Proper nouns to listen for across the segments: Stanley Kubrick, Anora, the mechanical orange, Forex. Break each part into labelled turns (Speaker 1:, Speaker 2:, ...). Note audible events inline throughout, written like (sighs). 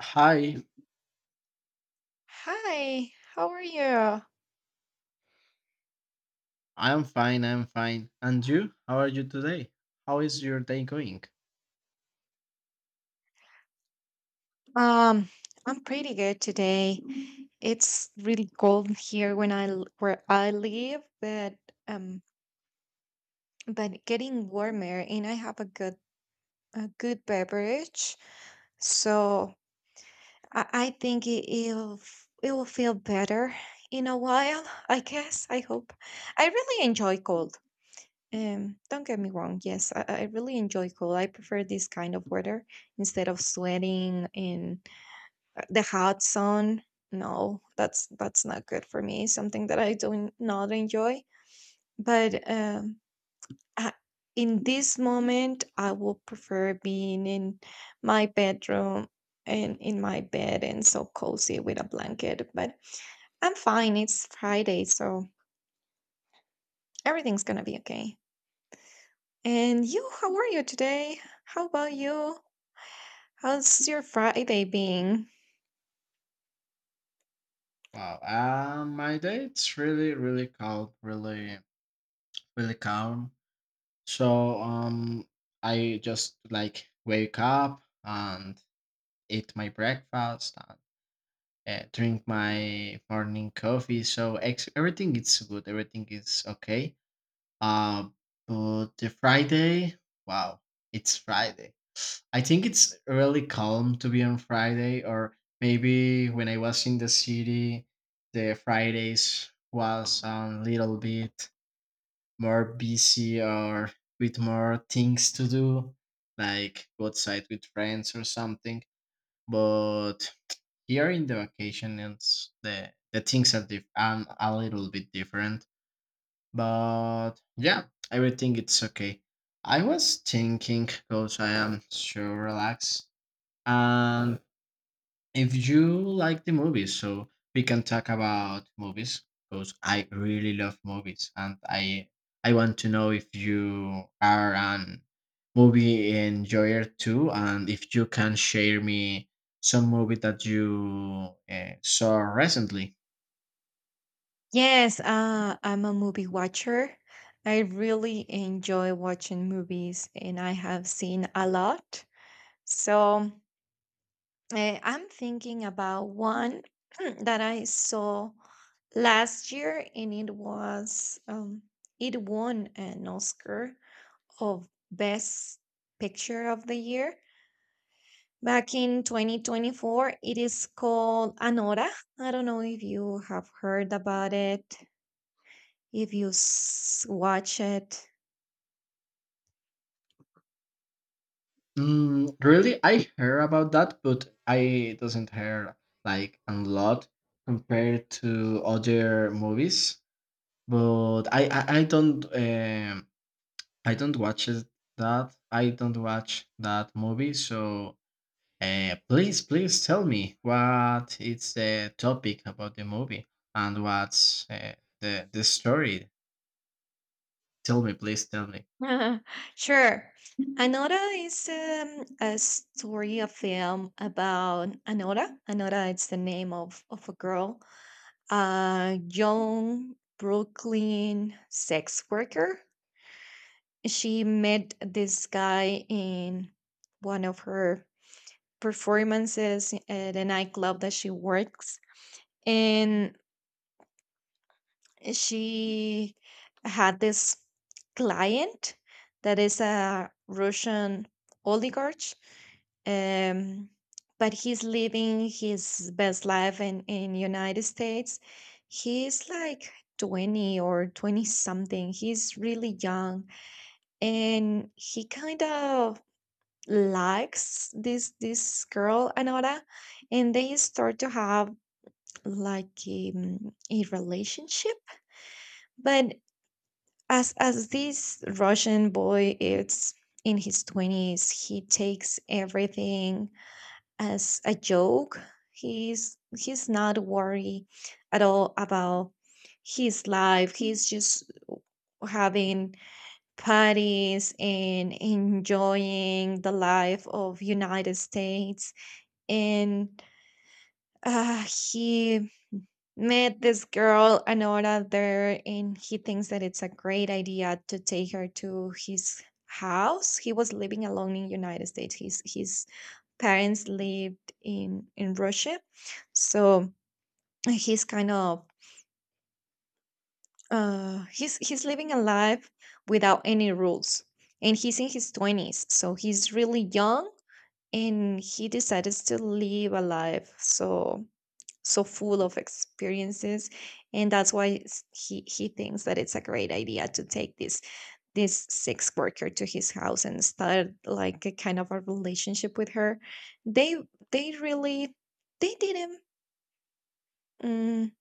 Speaker 1: Hi,
Speaker 2: Hi, how are you?
Speaker 1: I'm fine, I'm fine. And you? How are you today? How is your day going?
Speaker 2: Um, I'm pretty good today. It's really cold here when where I live, but um, getting warmer, and I have a good beverage, so I think it will feel better in a while. I guess. I hope. I really enjoy cold. Don't get me wrong. Yes, I really enjoy cold. I prefer this kind of weather instead of sweating and the hot sun. No, that's not good for me. Something that I do not enjoy. But I, in this moment, I will prefer being in my bedroom and in my bed and so cozy with a blanket. But I'm fine. It's Friday, so everything's gonna be okay. And you, how are you today? How about you? How's your Friday being?
Speaker 1: Wow, my day it's really, really calm, really, really calm. So, I just like wake up and eat my breakfast and drink my morning coffee. So everything is good, everything is okay. Uh, but the Friday, wow, it's Friday. I think it's really calm to be on Friday, or maybe when I was in the city, the Fridays was a little bit more busy or with more things to do, like go outside with friends or something. But here in the vacation, it's the things are a little bit different. But yeah, everything it's okay. I was thinking, because I am so relaxed and if you like the movies, so we can talk about movies because I really love movies, and I want to know if you are an movie enjoyer too, and if you can share me some movie that you saw recently.
Speaker 2: Yes, I'm a movie watcher. I really enjoy watching movies and I have seen a lot. So I'm thinking about one (clears throat) that I saw last year, and it won an Oscar of Best Picture of the Year back in 2024. It is called Anora. I don't know if you have heard about it, if you watch it.
Speaker 1: Mm, really, I heard about that, but I doesn't hear like a lot compared to other movies. But I don't. I don't watch it, that. I don't watch that movie. So please, please tell me what is the topic about the movie and what's the story. Tell me, please tell me.
Speaker 2: (laughs) Sure. Anora is a story, a film about Anora. Anora is the name of a girl, a young Brooklyn sex worker. She met this guy in one of her performances at a nightclub that she works. And she had this client that is a Russian oligarch, um, but he's living his best life in United States. He's like 20 or 20 something. He's really young, and he kind of likes this girl Anora, and they start to have like a relationship. But as this Russian boy is in his 20s, he takes everything as a joke. He's not worried at all about his life. He's just having parties and enjoying the life of United States. And he met this girl an hora there, and he thinks that it's a great idea to take her to his house. He was living alone in United States. His parents lived in Russia, so he's kind of, he's living a life without any rules. And he's in his 20s, so he's really young, and he decides to live a life so full of experiences. And that's why he thinks that it's a great idea to take this sex worker to his house and start like a kind of a relationship with her. they they really they didn't mm,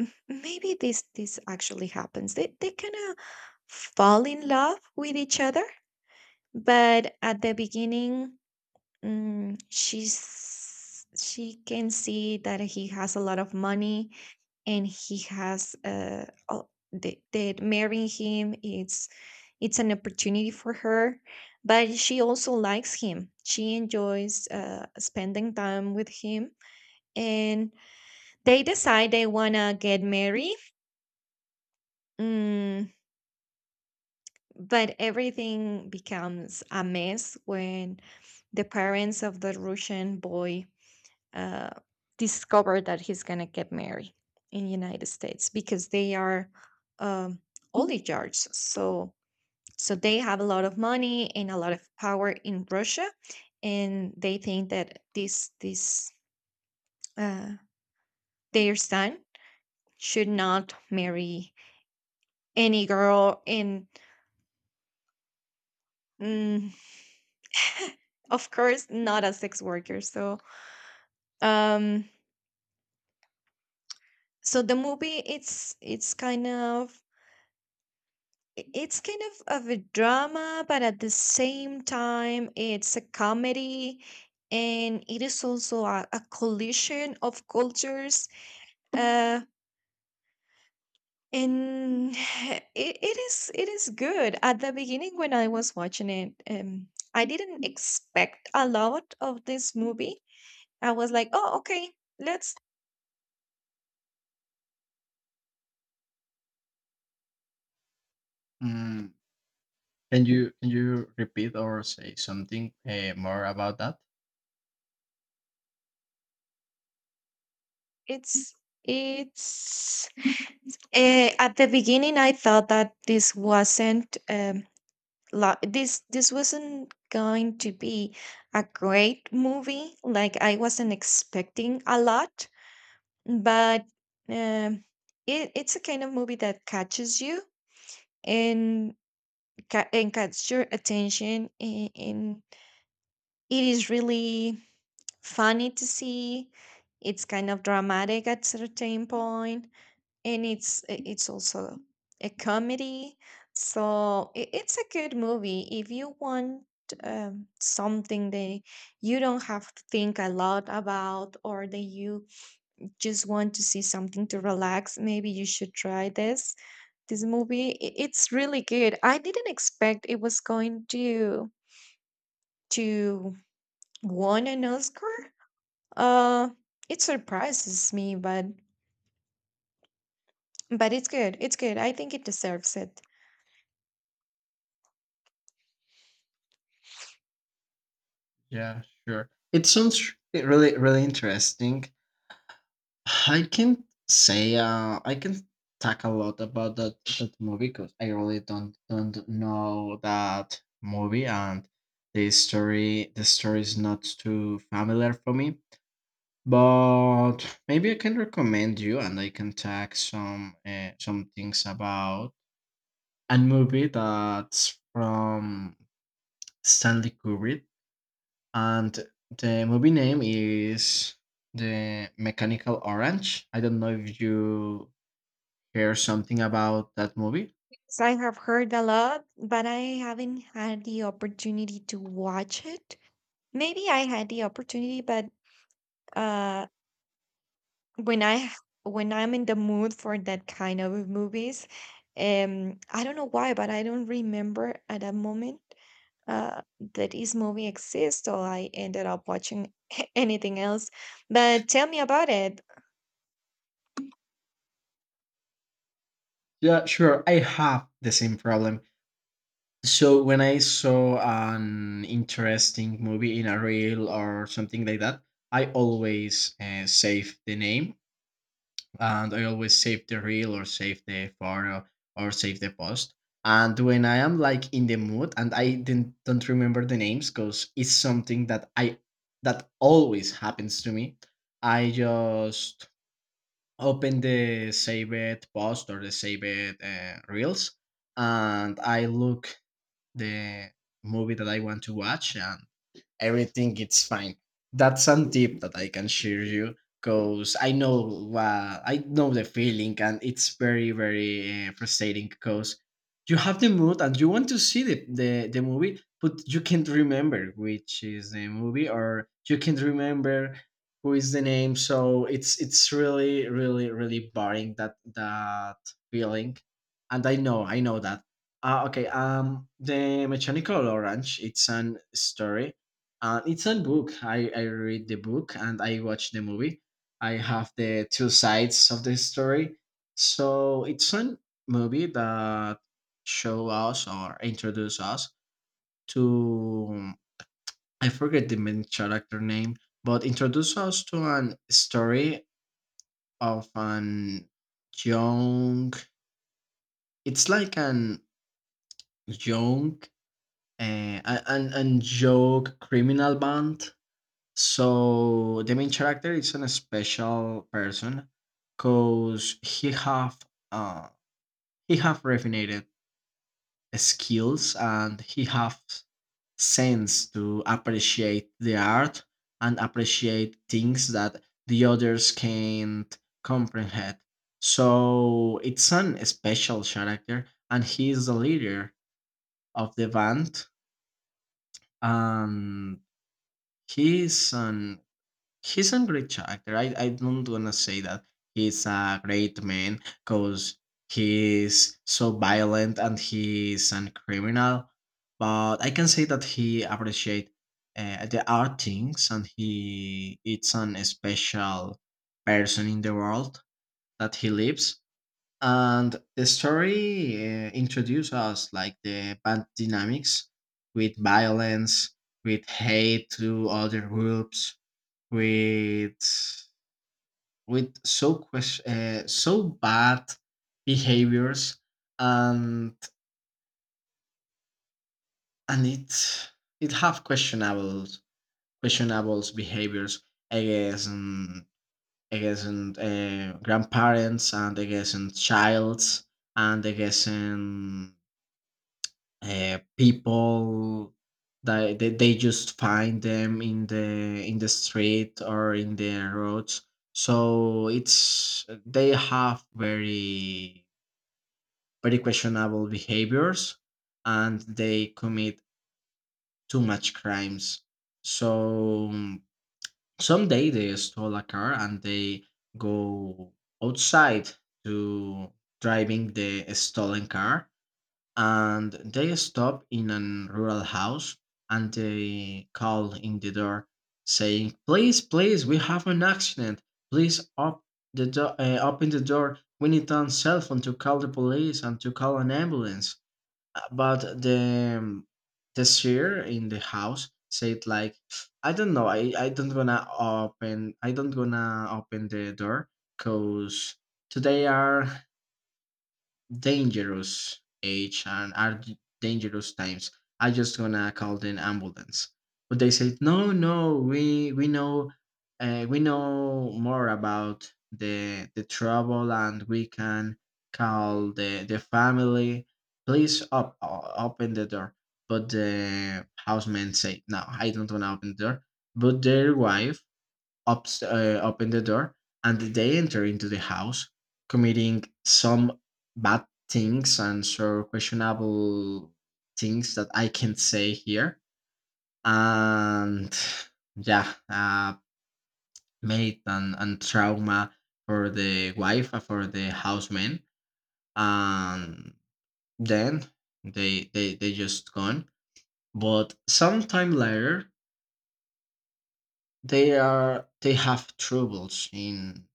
Speaker 2: m- maybe this actually happens. They kind of fall in love with each other. But at the beginning, mm, she's she can see that he has a lot of money, and he has, that marrying him, it's an opportunity for her. But she also likes him. She enjoys spending time with him. And they decide they want to get married, mm, but everything becomes a mess when the parents of the Russian boy uh, discover that he's gonna get married in United States, because they are, um, oligarchs. So they have a lot of money and a lot of power in Russia, and they think that this uh, their son should not marry any girl and, mm, of course, not a sex worker, so um the movie, it's kind of a drama, but at the same time, it's a comedy, and it is also a collision of cultures. Uh, and (sighs) it is good. At the beginning, when I was watching it, I didn't expect a lot of this movie. I was like, oh, okay, let's.
Speaker 1: Mm, can you repeat or say something more about that?
Speaker 2: It's it's. At the beginning, I thought that this wasn't. This wasn't going to be a great movie, like I wasn't expecting a lot. But um, it's a kind of movie that catches you, and and catches your attention, and it is really funny to see. It's kind of dramatic at certain point, and it's also a comedy. So it's a good movie. If you want something that you don't have to think a lot about, or that you just want to see something to relax, maybe you should try this movie. I- it's really good. I didn't expect it was going to won an Oscar. uh it surprises me, but it's good. I think it deserves it.
Speaker 1: Yeah, sure. It sounds really really interesting. I can say I can talk a lot about that movie because I really don't know that movie and the story is not too familiar for me. But maybe I can recommend you and I can talk some things about a movie that's from Stanley Kubrick, and the movie name is The Mechanical Orange. I don't know if you hear something about that movie?
Speaker 2: So I have heard a lot, but I haven't had the opportunity to watch it. Maybe I had the opportunity, but uh, when I h- when I'm in the mood for that kind of movies, I don't know why, but I don't remember at a moment uh, that this movie exists, or I ended up watching (laughs) anything else. But tell me about it.
Speaker 1: Yeah, sure. I have the same problem. So when I saw an interesting movie in a reel or something like that, I always save the name, and I always save the reel or save the photo or save the post. And when I am like in the mood and I didn't, don't remember the names because it's something that I that always happens to me. I just open the saved post or the saved reels, and I look the movie that I want to watch, and everything it's fine. That's some tip that I can share you because I know the feeling, and it's very very frustrating because you have the mood and you want to see the movie, but you can't remember which is the movie, or you can't remember who is the name. So it's really really really boring that that feeling. And I know, I know that okay, The Mechanical Orange, it's an story. It's a book. I read the book and I watch the movie. I have the two sides of the story. So it's a movie that show us or introduce us to, I forget the main character name, but introduce us to an story of an young. It's like an young an young criminal band. So the main character is an special person because uh, he have refined skills, and he have sense to appreciate the art and appreciate things that the others can't comprehend. So it's an special character, and he is the leader of the band. And he's an, he's a great character. I don't wanna say that he's a great man because he's so violent and he's a criminal, but I can say that he appreciate the art things, and he it's an special person in the world that he lives. And the story introduces us like the band dynamics, with violence, with hate to other groups, with with so so bad behaviors. and and it it have questionable behaviors against, against grandparents and against childs, and against people that they just find them in the street or in the roads. So it's they have very very questionable behaviors, and they commit too much crimes. So mm, someday they stole a car and they go outside to driving the stolen car, and they stopped in a rural house and they called in the door saying, please, please, we have an accident, please open the door, we need on cell phone to call the police and to call an ambulance. But the seer in the house said like, I don't know, I don't gonna open, I don't gonna open the door, because today are dangerous age and are dangerous times. I just gonna call the ambulance. But they said, no, no, we know, we know more about the trouble, and we can call the family. Please open the door. But the houseman say, no, I don't wanna open the door. But their wife open the door, and they enter into the house committing some bad things and so questionable things that I can say here. And yeah, made and trauma for the wife and for the houseman. And then they just gone. But sometime later, they are, they have troubles in,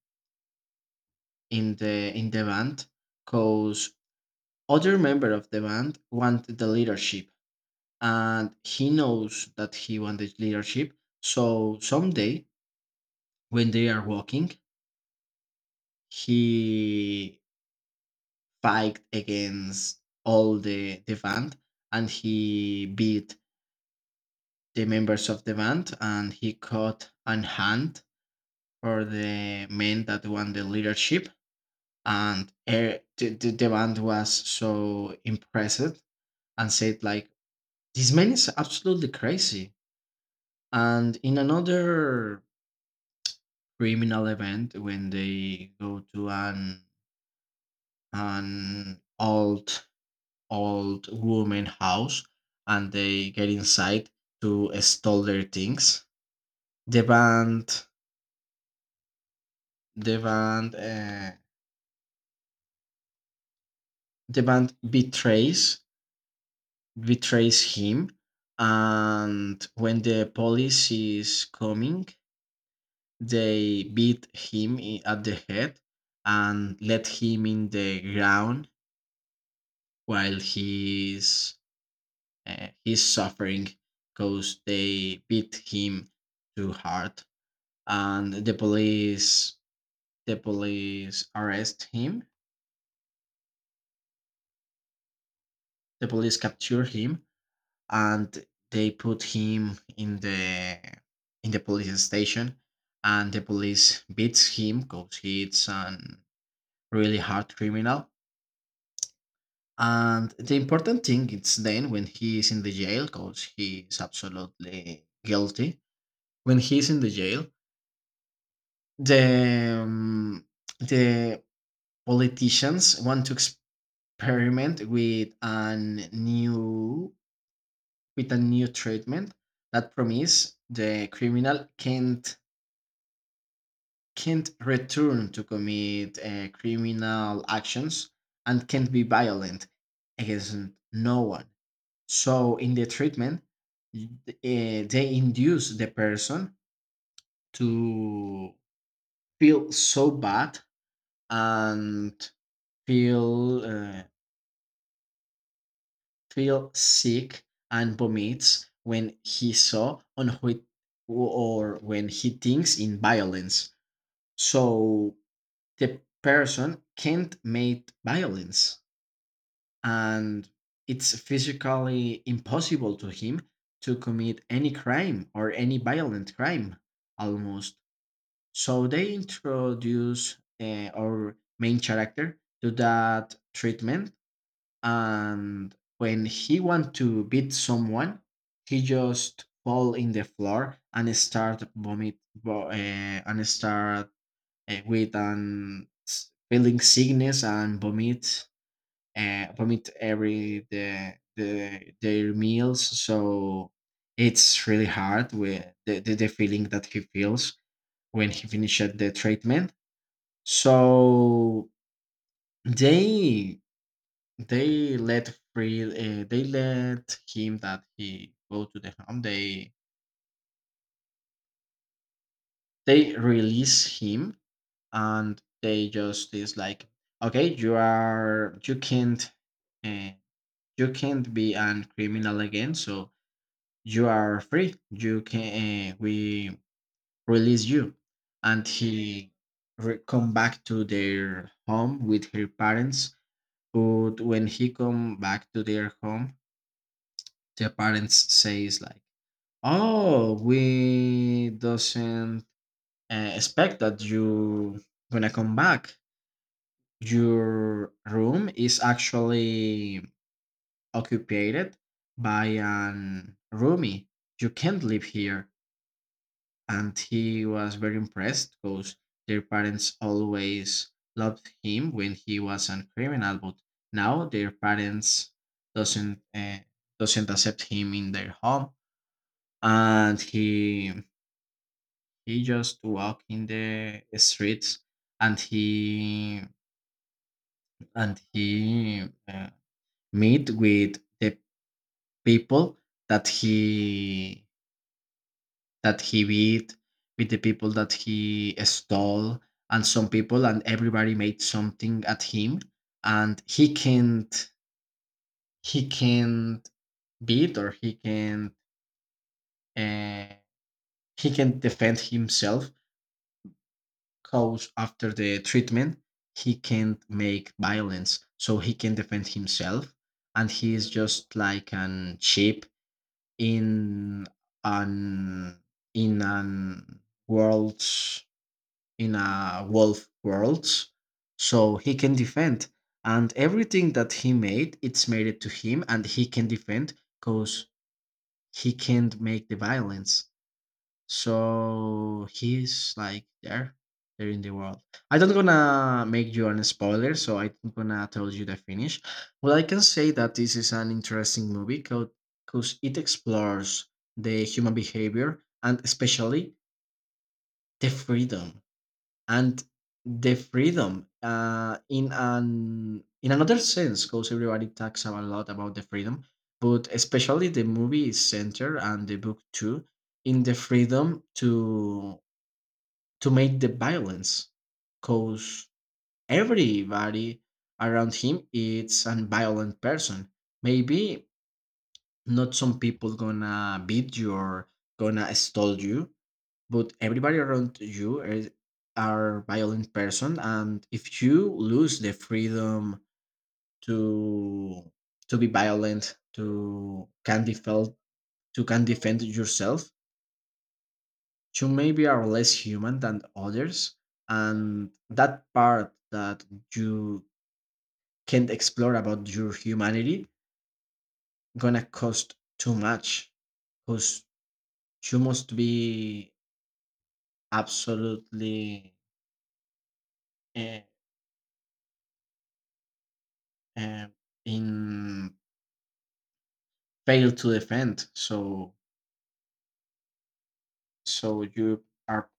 Speaker 1: in the band, because other member of the band wanted the leadership, and he knows that he wanted leadership. So someday when they are walking, he fight against all the band, and he beat the members of the band, and he caught an hand for the men that won the leadership. And the the band was so impressed and said like, this man is absolutely crazy. And in another criminal event, when they go to an old old woman house, and they get inside to steal their things, the band the band uh, the band betrays him. And when the police is coming, they beat him at the head and let him in the ground while he's suffering because they beat him too hard. And the police arrest him. The police capture him, and they put him in the police station, and the police beats him because he's an really hard criminal. And the important thing is then when he is in the jail, because he is absolutely guilty. When he is in the jail, the um, the politicians want to experiment with a new, with a new treatment that promise the criminal can't return to commit criminal actions and can't be violent against no one. So in the treatment, y- they induce the person to feel so bad and feel feel sick and vomits when he saw on who or when he thinks in violence. So the person can't make violence, and it's physically impossible to him to commit any crime or any violent crime almost. So they introduce our main character to that treatment, and when he want to beat someone, he just fall in the floor and start vomit, and start with an feeling sickness and vomit, vomit every the their meals. So it's really hard with the feeling that he feels when he finished the treatment. So they they let free, they let him that he go to the home. They release him, and they just is like, okay, you are you can't, uh, you can't be a criminal again, so you are free, you can we release you. And he come back to their home with her parents. But when he come back to their home, the parents says like, oh, we doesn't expect that you gonna come back. Your room is actually occupied by an roomie. You can't live here. And he was very impressed because their parents always loved him when he was a criminal, but now their parents doesn't doesn't accept him in their home. And he just walk in the streets, and he and he meet with the people that he that he beat, with the people that he stole, and some people and everybody made something at him, and he can't beat, or he can, uh, he can defend himself, because after the treatment he can't make violence, so he can defend himself. And he is just like an sheep in an in an world, in a wolf world. So he can defend, and everything that he made it's made it to him, and he can defend, because he can't make the violence. So he's like there in the world. I don't gonna make you an spoiler, so I'm gonna tell you the finish. Well, I can say that this is an interesting movie because it explores the human behavior, and especially the freedom, and the freedom, in an in another sense, because everybody talks a lot about the freedom, but especially the movie is centered, and the book too, in the freedom to make the violence, because everybody around him is a violent person. Maybe not some people gonna beat you or gonna stole you, but everybody around you is, are violent person. And if you lose the freedom to to be violent, to can defend, to can defend yourself, you maybe are less human than others, and that part that you can't explore about your humanity gonna cost too much, because you must be absolutely uh, uh, in failed to defend. So so you are,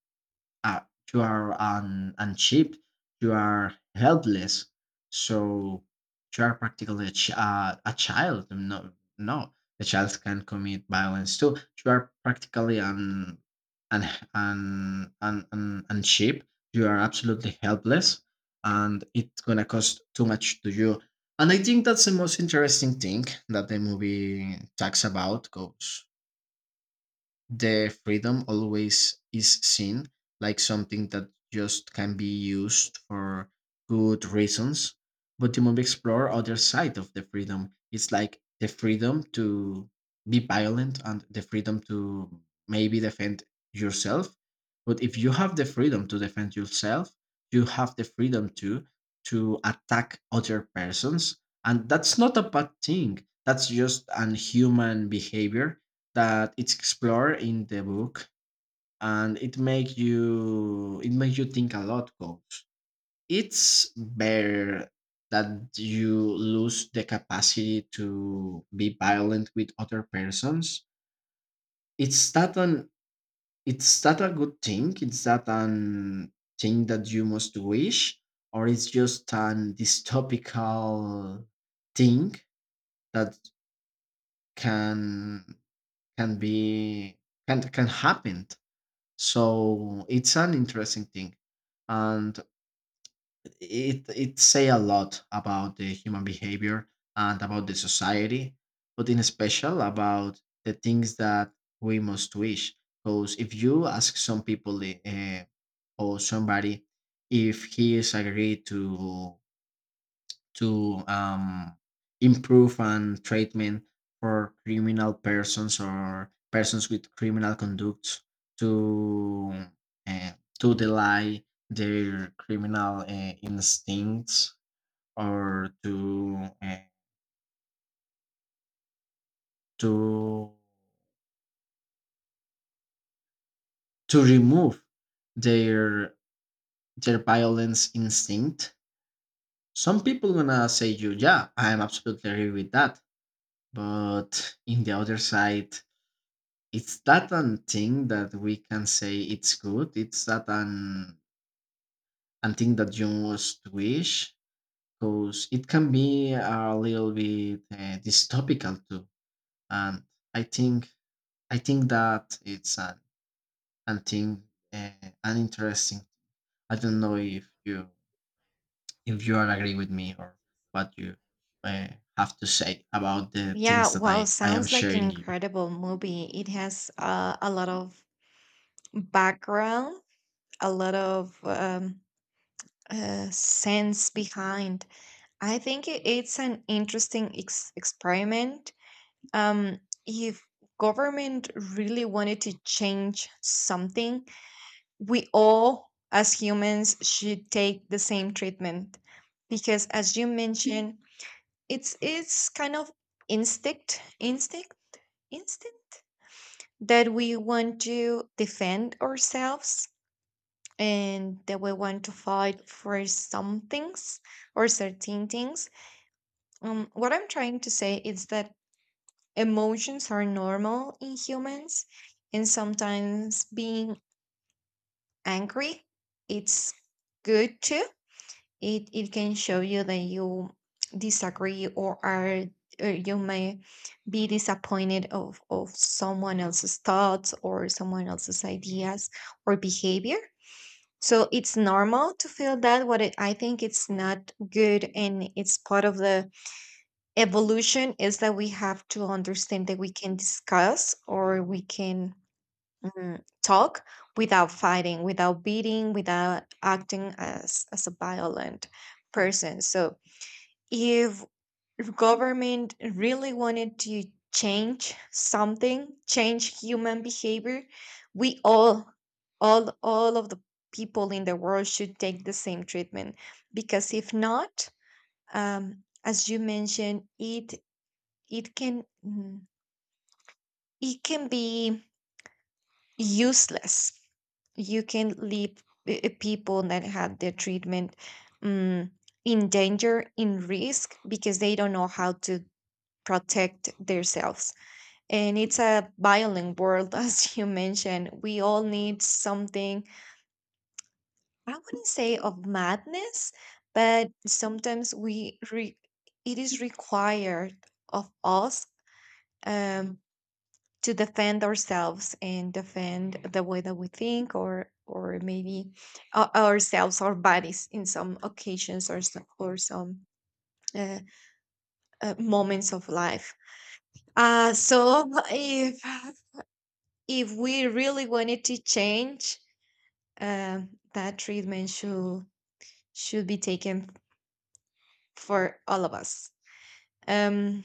Speaker 1: uh, you are un, unshipped. You are helpless. So you are practically a, a child. No, no, the child can commit violence too. You are practically an an sheep. You are absolutely helpless, and it's gonna cost too much to you. And I think that's the most interesting thing that the movie talks about. Goes the freedom always is seen like something that just can be used for good reasons. But the movie explore other side of the freedom. It's like the freedom to be violent, and the freedom to maybe defend yourself. But if you have the freedom to defend yourself, you have the freedom to attack other persons. And that's not a bad thing. That's just an human behavior that it's explored in the book, and it make you it makes you think a lot, goes it's better that you lose the capacity to be violent with other persons. It's not an it's not a good thing, it's not an thing that you must wish, or it's just an dystopical thing that can can be, can happen. So it's an interesting thing, and it say a lot about the human behavior and about the society, but in special about the things that we must wish. Because if you ask some people, or somebody, if he is agreed to improve and treatment for criminal persons or persons with criminal conducts to uh, to delay their criminal instincts, or to to remove their their violence instinct, some people gonna say you, yeah, I'm absolutely agree with that. But in the other side, it's that an thing that we can say it's good. It's that an thing that you must wish, because it can be a little bit dystopical too. And I think I think that it's an thing, uh, an interesting. I don't know if you are agree with me, or what you uh, have to say about the
Speaker 2: Yeah,
Speaker 1: things that
Speaker 2: wow,
Speaker 1: I am
Speaker 2: sounds like an
Speaker 1: sharing you.
Speaker 2: incredible movie. It has, a lot of background, a lot of sense behind. I think it's an interesting experiment. Um, if government really wanted to change something, we all as humans should take the same treatment, because, as you mentioned, it's kind of instinct, instinct, instinct that we want to defend ourselves, and that we want to fight for some things or certain things. What I'm trying to say is that emotions are normal in humans, and sometimes being angry, it's good too. It can show you that you disagree, or you may be disappointed of someone else's thoughts, or someone else's ideas or behavior. So it's normal to feel that. I think it's not good, and it's part of the evolution, is that we have to understand that we can discuss, or we can, talk without fighting, without beating, without acting as a violent person. So if if government really wanted to change something, change human behavior, we all of the people in the world should take the same treatment. Because if not, as you mentioned, it can mm, it can be useless. You can leave people that had their treatment, um, in danger, in risk, because they don't know how to protect themselves. And it's a violent world, (laughs) as you mentioned. We all need something, I wouldn't say of madness, but sometimes it is required of us, um, to defend ourselves and defend the way that we think, or maybe ourselves, our bodies in some occasions, or some uh, moments of life. So (laughs) if we really wanted to change, that treatment should be taken for all of us. Um,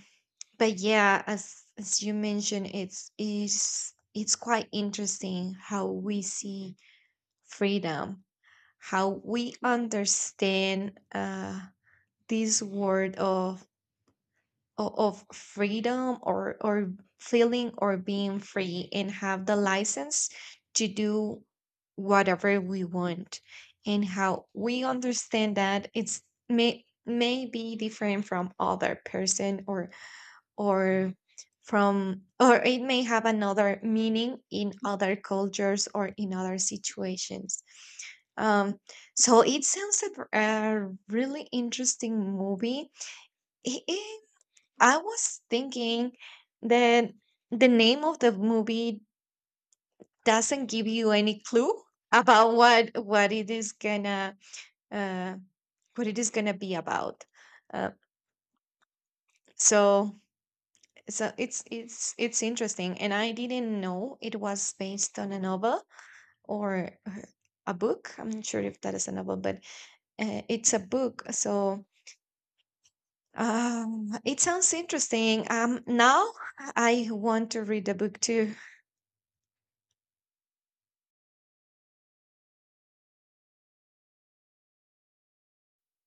Speaker 2: but yeah, as you mentioned, it's quite interesting how we see freedom, how we understand this word of of freedom, or feeling or being free, and have the license to do whatever we want, and how we understand that it's may be different from other person, or or it may have another meaning in other cultures or in other situations. um so it sounds like a really interesting movie. It. I was thinking that the name of the movie doesn't give you any clue about what it is gonna, uh, what it is gonna be about. Uh, so it's interesting, and I didn't know it was based on a novel, or a book. I'm not sure if that is a novel, but it's a book, so it sounds interesting. Now I want to read the book too.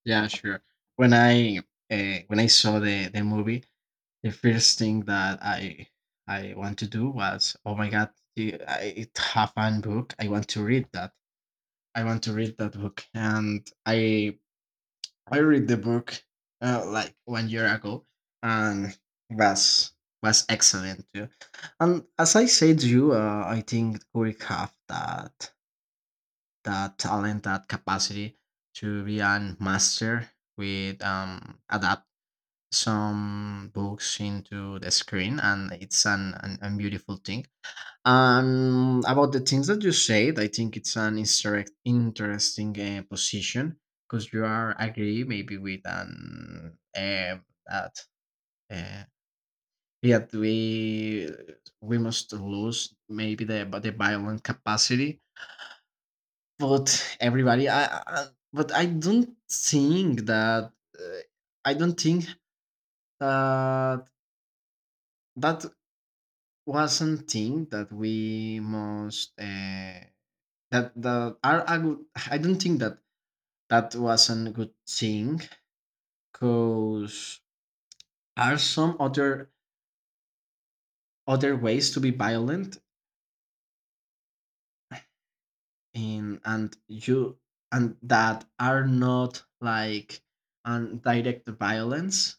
Speaker 1: Yeah, sure. When I when I saw the movie, the first thing that I want to do was, oh my god, I it have a book. I want to read that. I want to read that book, and I read the book like one year ago, and was was excellent too. And as I said to you, I think we have that that talent, that capacity to be a master with adapt some books into the screen, and it's an beautiful thing. About the things that you said, I think it's an interesting position, because you are agree maybe with an that uh, yet we must lose maybe the violent capacity. But everybody I, but I don't think that, uh, I don't think that that was something that we must that that are a good. I don't think that that was a good thing, because are some other other ways to be violent in, and you, and that are not like an direct violence.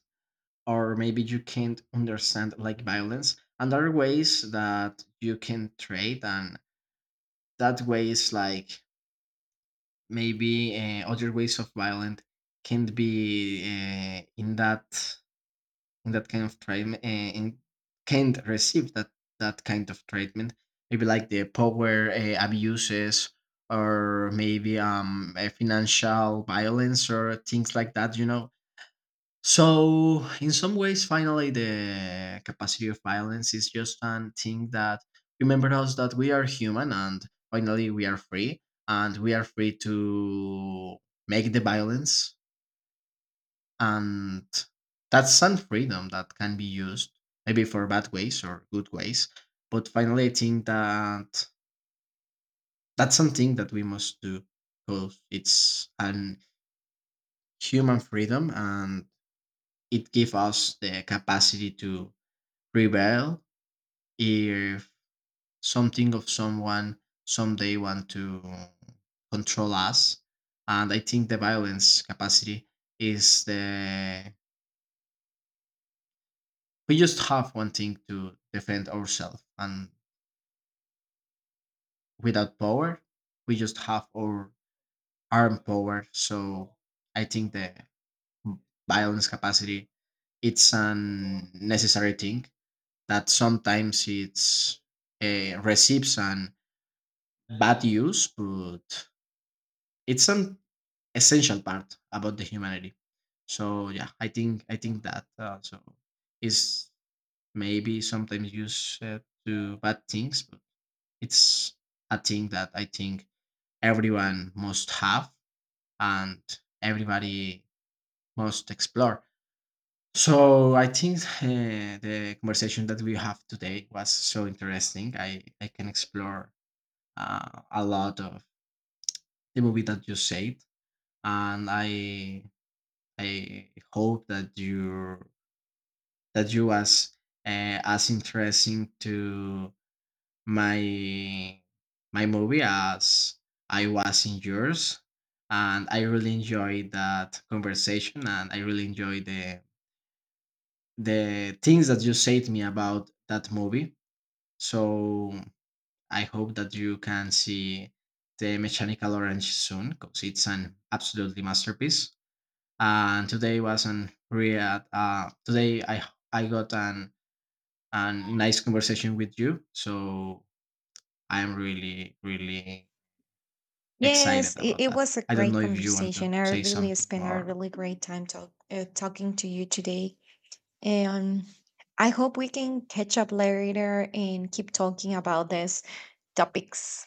Speaker 1: Or maybe you can't understand like violence and other ways that you can trade, and that way is like maybe, other ways of violence can not be in that kind of treatment, and can't receive that that kind of treatment. Maybe like the power abuses, or maybe financial violence, or things like that, you know. So, in some ways, finally, the capacity of violence is just a thing that remember us that we are human, and finally we are free, and we are free to make the violence. And that's some freedom that can be used maybe for bad ways or good ways. But finally, I think that that's something that we must do, because it's an human freedom, and it gives us the capacity to rebel if something of someone someday want to control us. And I think the violence capacity is the, we just have one thing to defend ourselves, and without power we just have our arm power. So I think the violence capacity, it's a necessary thing that sometimes it's receives an bad use, but it's a essential part about the humanity. So yeah, I think that, so is maybe sometimes used to bad things, but it's a thing that I think everyone must have, and everybody must explore. So I think, the conversation that we have today was so interesting. I can explore a lot of the movie that you said, and I hope that you was as interesting to my my movie as I was in yours. And I really enjoyed that conversation, and I really enjoyed the things that you said me about that movie. So I hope that you can see the Mechanical Orange soon, because it's an absolutely masterpiece. And today was an real. Today I got an and nice conversation with you. So I'm really, really excited
Speaker 2: Yes, it,
Speaker 1: about
Speaker 2: it
Speaker 1: that.
Speaker 2: was a
Speaker 1: I don't know
Speaker 2: great
Speaker 1: if you want to
Speaker 2: conversation. I
Speaker 1: say
Speaker 2: really
Speaker 1: something
Speaker 2: spent a
Speaker 1: more.
Speaker 2: really great time talking to you today. And I hope we can catch up later and keep talking about these topics.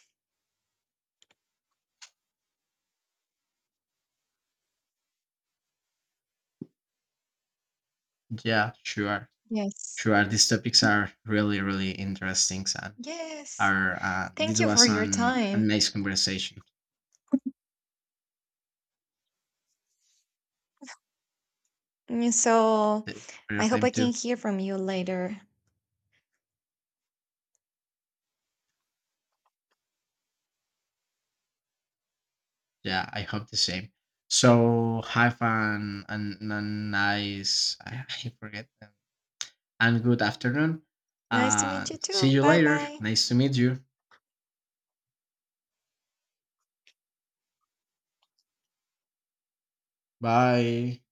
Speaker 1: Yeah, sure.
Speaker 2: Yes.
Speaker 1: Sure. These topics are really, really interesting, and
Speaker 2: Yes.
Speaker 1: are
Speaker 2: Thank
Speaker 1: this
Speaker 2: you for
Speaker 1: was
Speaker 2: your
Speaker 1: an a
Speaker 2: time.
Speaker 1: nice conversation.
Speaker 2: So
Speaker 1: Thank you for your
Speaker 2: I hope
Speaker 1: time
Speaker 2: I can
Speaker 1: too.
Speaker 2: hear from you later.
Speaker 1: Yeah, I hope the same. So have an a nice (laughs) I, forget them. And good afternoon.
Speaker 2: Nice to meet you
Speaker 1: And see
Speaker 2: too.
Speaker 1: you
Speaker 2: Bye
Speaker 1: later.
Speaker 2: bye.
Speaker 1: Nice to meet you. Bye.